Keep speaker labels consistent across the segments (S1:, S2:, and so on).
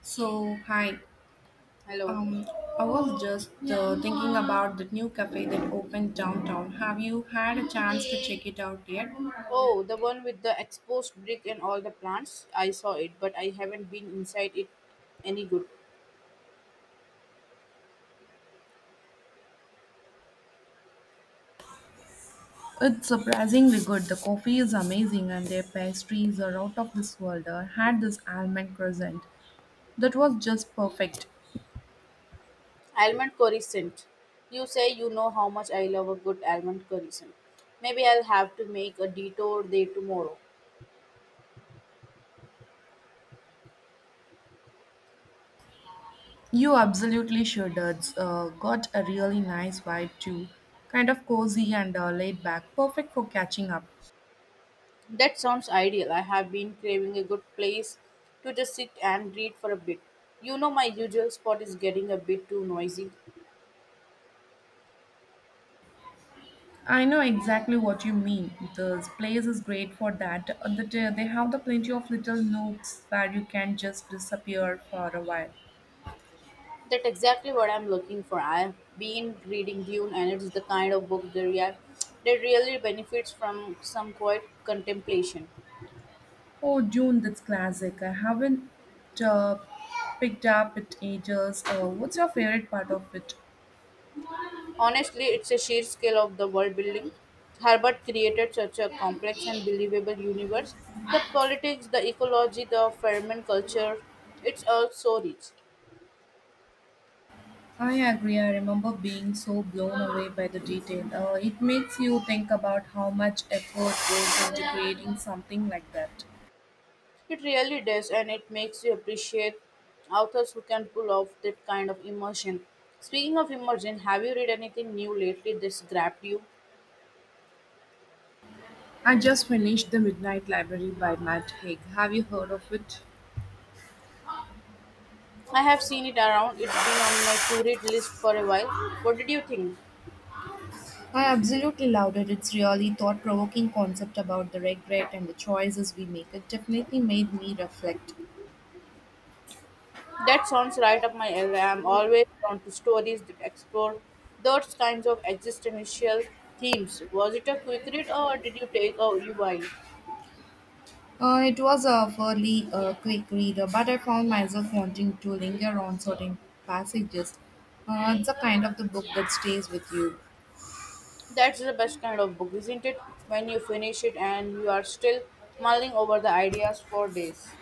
S1: So, hi.
S2: Hello.
S1: Um, I was just thinking about the new cafe that opened downtown. Have you had a chance to check it out yet?
S2: Oh, the one with the exposed brick and all the plants. I saw it, but I haven't been inside it any good.
S1: It's surprisingly good. The coffee is amazing and their pastries are out of this world. I had this almond crescent that was just perfect.
S2: Almond curry scent. You say you know how much I love a good almond curry scent. Maybe I'll have to make a detour there tomorrow.
S1: You absolutely should. It's got a really nice vibe too. Kind of cozy and laid back. Perfect for catching up.
S2: That sounds ideal. I have been craving a good place to just sit and read for a bit. You know my usual spot is getting a bit too noisy.
S1: I know exactly what you mean. The place is great for that. They have the plenty of little nooks where you can just disappear for a while.
S2: That's exactly what I'm looking for. I've been reading Dune, and it's the kind of book that really benefits from some quiet contemplation.
S1: Oh, June, that's classic. I haven't uh, picked up it ages. What's your favorite part of it?
S2: Honestly, it's a sheer scale of the world building. Herbert created such a complex and believable universe. The politics, the ecology, the ferment culture, it's all so rich.
S1: I agree. I remember being so blown away by the detail. It makes you think about how much effort goes into creating something like that.
S2: It really does, and it makes you appreciate authors who can pull off that kind of immersion. Speaking of immersion, have you read anything new lately that's grabbed you?
S1: I just finished The Midnight Library by Matt Haig. Have you heard of it?
S2: I have seen it around. It's been on my to read list for a while. What did you think?
S1: I absolutely loved it. It's really thought provoking concept about the regret and the choices we make. It definitely made me reflect.
S2: That sounds right up my alley. I'm always drawn to stories that explore those kinds of existential themes. Was it a quick read or did you take a you while?
S1: It was a fairly quick reader, but I found myself wanting to linger on certain passages. It's a kind of the book that stays with you.
S2: That's the best kind of book, isn't it? When you finish it and you are still mulling over the ideas for days.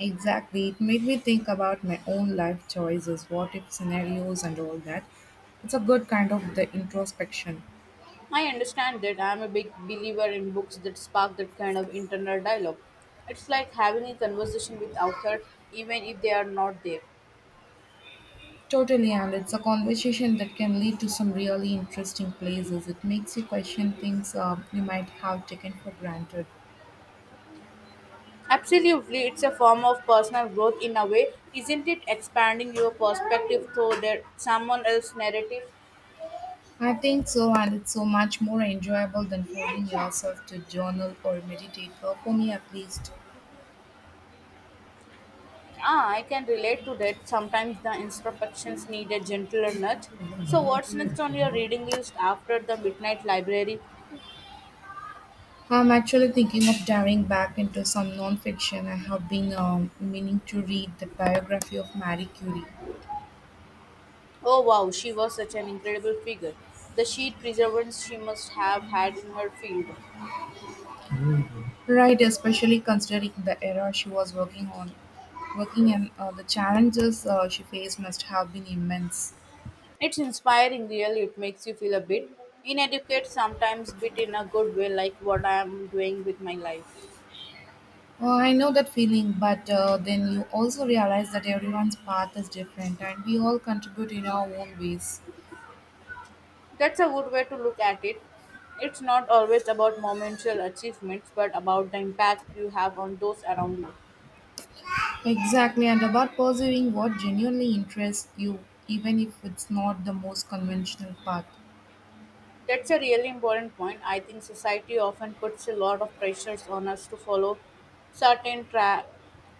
S1: Exactly. It made me think about my own life choices, what if scenarios, and all that. It's a good kind of the introspection.
S2: I understand that I'm a big believer in books that spark that kind of internal dialogue. It's like having a conversation with author even if they are not there.
S1: Totally, and it's a conversation that can lead to some really interesting places. It makes you question things you might have taken for granted.
S2: Absolutely, it's a form of personal growth in a way, isn't it? Expanding your perspective through that someone else's narrative.
S1: I think so, and it's so much more enjoyable than forcing yourself to journal or meditate, or for me at least.
S2: Ah, I can relate to that. Sometimes the instructions need a gentler nudge. So, what's next on your reading list after the Midnight Library?
S1: I'm actually thinking of diving back into some non-fiction. I have been meaning to read the biography of Marie Curie,
S2: Oh wow, she was such an incredible figure. The sheer perseverance she must have had in her field.
S1: right? Especially considering the era she was working on, working in, the challenges she faced must have been immense.
S2: It's inspiring, really. It makes you feel a bit inadequate sometimes, but in a good way, like what I am doing with my life.
S1: I know that feeling, but then you also realize that everyone's path is different and we all contribute in our own ways.
S2: That's a good way to look at it. It's not always about momentary achievements, but about the impact you have on those around you.
S1: Exactly, and about pursuing what genuinely interests you, even if it's not the most conventional path.
S2: That's a really important point. I think society often puts a lot of pressures on us to follow certain tra-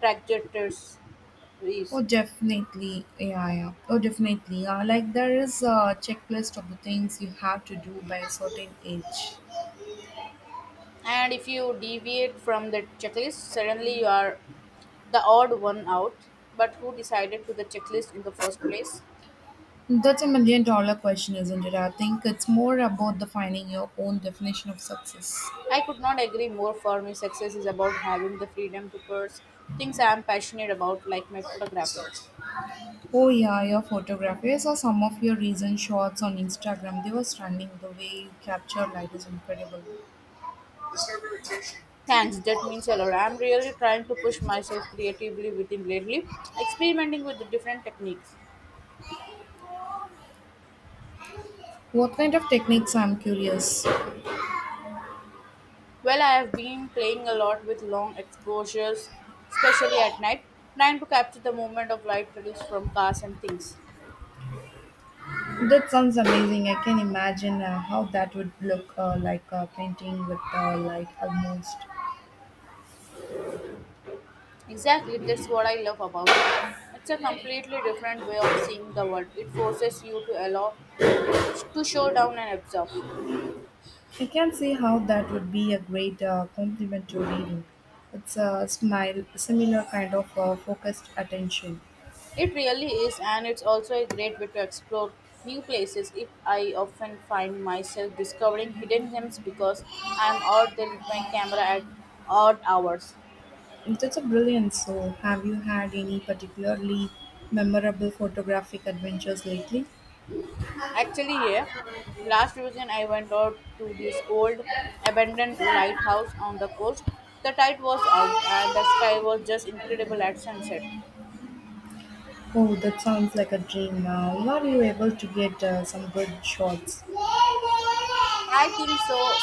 S2: trajectories.
S1: Oh, definitely, yeah, yeah. Oh, definitely. Like there is a checklist of the things you have to do by a certain age.
S2: And if you deviate from the checklist, suddenly you are the odd one out. But who decided to the checklist in the first place?
S1: That's a million dollar question, isn't it? I think it's more about defining your own definition of success.
S2: I could not agree more. For me, success is about having the freedom to pursue things I am passionate about, like my photography.
S1: Oh yeah, your photography. I saw some of your recent shots on Instagram. They were stunning. The way you capture light is incredible.
S2: Thanks, that means a lot. I'm really trying to push myself creatively within lately, experimenting with the different techniques.
S1: What kind of techniques? I'm curious.
S2: Well, I have been playing a lot with long exposures, especially at night, trying to capture the movement of light produced from cars and things.
S1: That sounds amazing. I can imagine how that would look like a painting with light almost.
S2: Exactly, that's what I love about it. It's a completely different way of seeing the world. It forces you to allow to show down and observe.
S1: I can see how that would be a great complement to reading. It's a smile, similar kind of focused attention.
S2: It really is, and it's also a great way to explore new places. If I often find myself discovering hidden gems because I'm out there with my camera at odd hours.
S1: That's a brilliant. So, have you had any particularly memorable photographic adventures lately?
S2: Actually, yeah, last weekend I went out to this old abandoned lighthouse on the coast. The tide was out, and the sky was just incredible at sunset.
S1: Oh, that sounds like a dream. Were you able to get some good shots?
S2: I think so.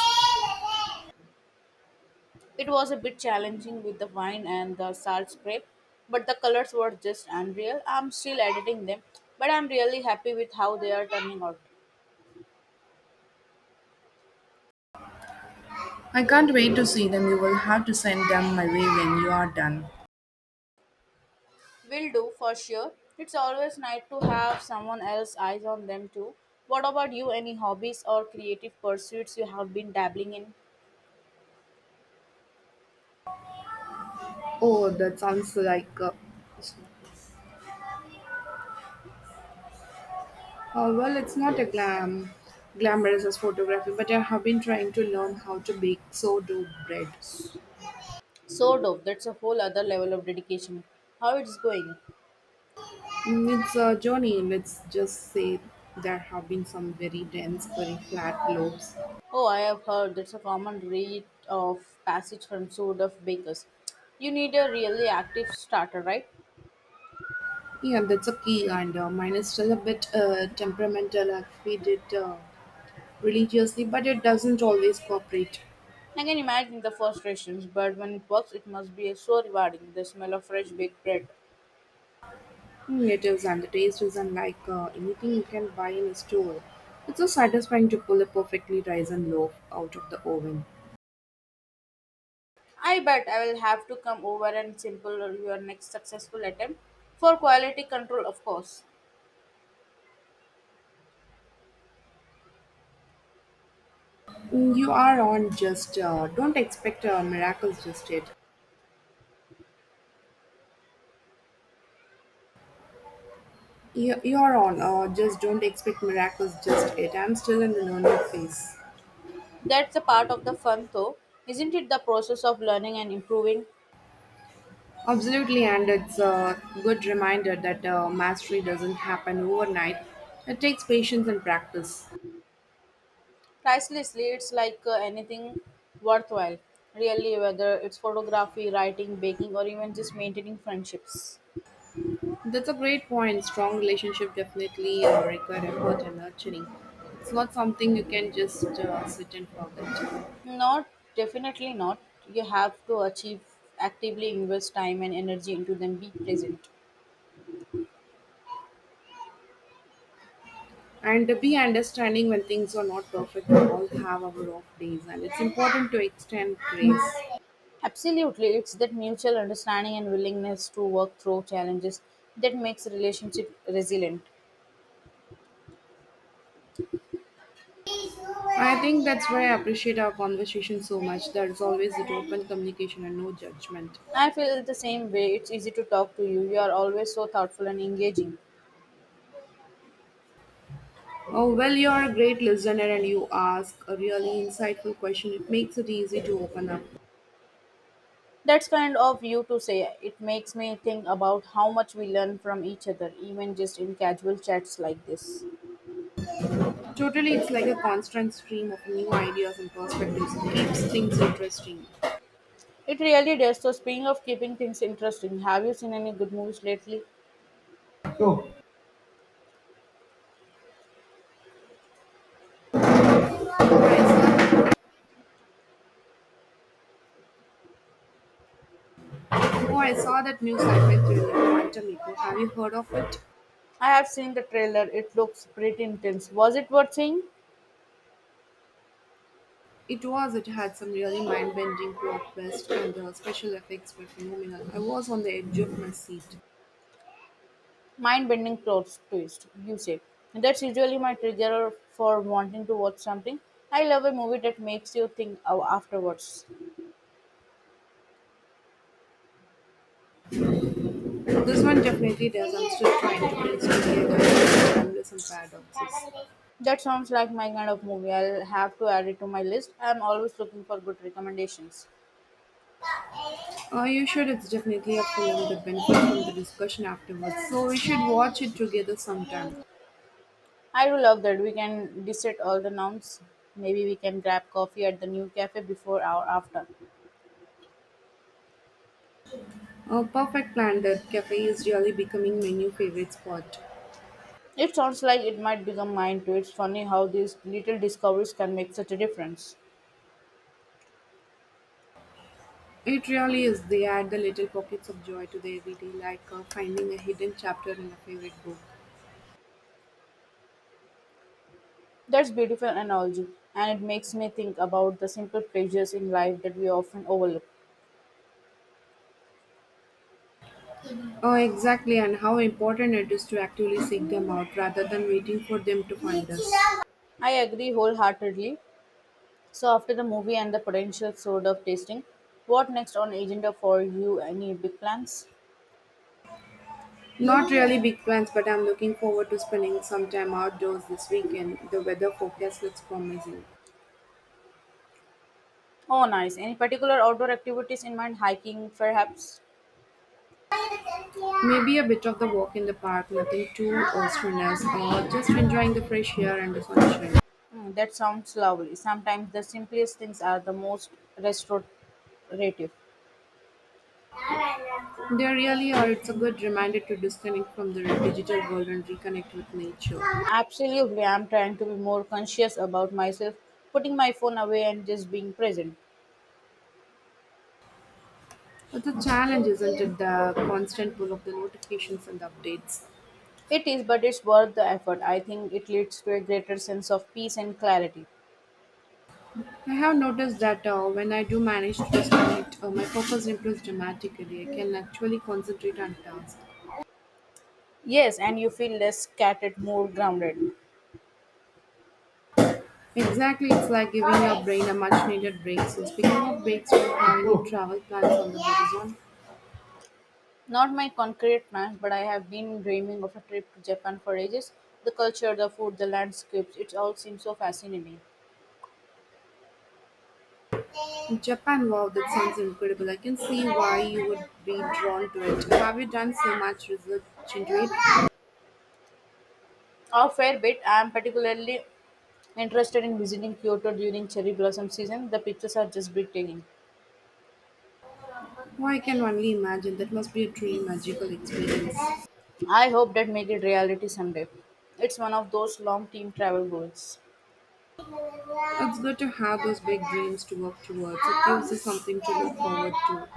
S2: It was a bit challenging with the wine and the salt spray, but the colors were just unreal. I'm still editing them, but I'm really happy with how they are turning out.
S1: I can't wait to see them. You will have to send them my way when you are done.
S2: Will do for sure. It's always nice to have someone else's eyes on them too. What about you? Any hobbies or creative pursuits you have been dabbling in?
S1: Oh, that sounds like a. Well, it's not a glamorous as photography, but I have been trying to learn how to bake sourdough bread.
S2: So dope. That's a whole other level of dedication. How it's going?
S1: Mm, it's a journey. Let's just say there have been some very dense, very flat loaves.
S2: Oh, I have heard that's a common rite of passage from sort of bakers. You need a really active starter, right?
S1: Yeah, that's a key, and mine is still a bit temperamental. I feed it religiously, but it doesn't always cooperate.
S2: I can imagine the frustrations, but when it works, it must be so rewarding. The smell of fresh baked bread.
S1: Mm, it is, and the taste is unlike anything you can buy in a store. It's so satisfying to pull a perfectly risen loaf out of the oven.
S2: I bet I will have to come over and sample your next successful attempt for quality control, of course.
S1: Mm, you are on, just don't expect miracles just yet. You are on, just don't expect miracles just yet. I'm still in the learning phase.
S2: That's a part of the fun, though, isn't it? The process of learning and improving.
S1: Absolutely, and it's a good reminder that mastery doesn't happen overnight. It takes patience and practice.
S2: Pricelessly, it's like anything worthwhile, really, whether it's photography, writing, baking, or even just maintaining friendships.
S1: That's a great point. Strong relationship definitely require effort and nurturing. It's not something you can just sit and forget.
S2: Not definitely not. You have to achieve Actively invest time and energy into them, be present.
S1: And be understanding when things are not perfect. We all have our off days, and it's important to extend grace.
S2: Absolutely, it's that mutual understanding and willingness to work through challenges that makes a relationship resilient.
S1: I think that's why I appreciate our conversation so much. There's always that open communication and no judgment.
S2: I feel the same way. It's easy to talk to you. You are always so thoughtful and engaging.
S1: Oh, well, you're a great listener and you ask a really insightful question. It makes it easy to open up.
S2: That's kind of you to say. It makes me think about how much we learn from each other, even just in casual chats like this.
S1: Totally, it's like a constant stream of new ideas and perspectives. It keeps things interesting.
S2: It really does. So, speaking of keeping things interesting, have you seen any good movies lately?
S1: Oh, I saw that new sci fi thriller, Quantum Echo. Have you heard of it?
S2: I have seen the trailer. It looks pretty intense. Was it worth seeing?
S1: It was. It had some really mind-bending plot twists, and the special effects were phenomenal. I was on the edge of my seat.
S2: Mind-bending plot twist, you say. That's usually my trigger for wanting to watch something. I love a movie that makes you afterwards.
S1: This one definitely does. I'm still trying to piece together the timeless and paradoxes.
S2: That sounds like my kind of movie. I'll have to add it to my list. I'm always looking for good recommendations.
S1: You should. It's definitely a film that benefits from the discussion afterwards. So we should watch it together sometime.
S2: I do love that. We can dissect all the nouns. Maybe we can grab coffee at the new cafe before or after.
S1: A perfect plan. That cafe is really becoming my new favorite spot.
S2: It sounds like it might become mine too. It's funny how these little discoveries can make such a difference.
S1: It really is. They add the little pockets of joy to the everyday, like finding a hidden chapter in a favorite book.
S2: That's beautiful analogy, and it makes me think about the simple pleasures in life that we often overlook.
S1: Oh, exactly, and how important it is to actively seek them out rather than waiting for them to find us.
S2: I agree wholeheartedly. So after the movie and the potential sort of tasting, what next on agenda for you? Any big plans?
S1: Not really big plans, but I'm looking forward to spending some time outdoors this weekend. The weather forecast looks promising.
S2: Oh, nice. Any particular outdoor activities in mind? Hiking, perhaps?
S1: Maybe a bit of the walk in the park, nothing too strenuous, or just enjoying the fresh air and the sunshine.
S2: Hmm, that sounds lovely. Sometimes the simplest things are the most restorative.
S1: They really are. It's a good reminder to disconnect from the digital world and reconnect with nature.
S2: Absolutely, I'm trying to be more conscious about myself, putting my phone away and just being present.
S1: But the challenge isn't it the constant pull of the notifications and the updates.
S2: It is, but it's worth the effort. I think it leads to a greater sense of peace and clarity.
S1: I have noticed that when I do manage to disconnect, my focus improves dramatically. I can actually concentrate on tasks.
S2: Yes, and you feel less scattered, more grounded.
S1: Exactly, it's like giving your brain a much needed break. So, speaking of breaks, do you have any travel plans on the horizon?
S2: Not my concrete plans, but I have been dreaming of a trip to Japan for ages. The culture, the food, the landscapes, it all seems so fascinating.
S1: In Japan, wow, that sounds incredible. I can see why you would be drawn to it. Have you done so much research into it?
S2: A fair bit, I am particularly interested in visiting Kyoto during cherry blossom season. The pictures are just breathtaking.
S1: Oh, I can only imagine. That must be a truly magical experience.
S2: I hope that make it reality someday. It's one of those long team travel goals.
S1: It's good to have those big dreams to work towards. It gives you something to look forward to.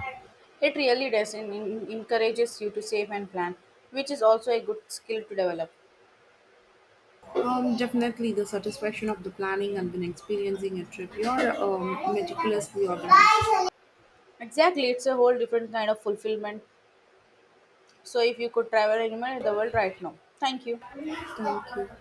S2: It really does and encourages you to save and plan, which is also a good skill to develop.
S1: Definitely the satisfaction of the planning and then experiencing a trip. You're meticulously organized.
S2: Exactly, it's a whole different kind of fulfillment. So, if you could travel anywhere in the world right now, thank you.
S1: Thank you.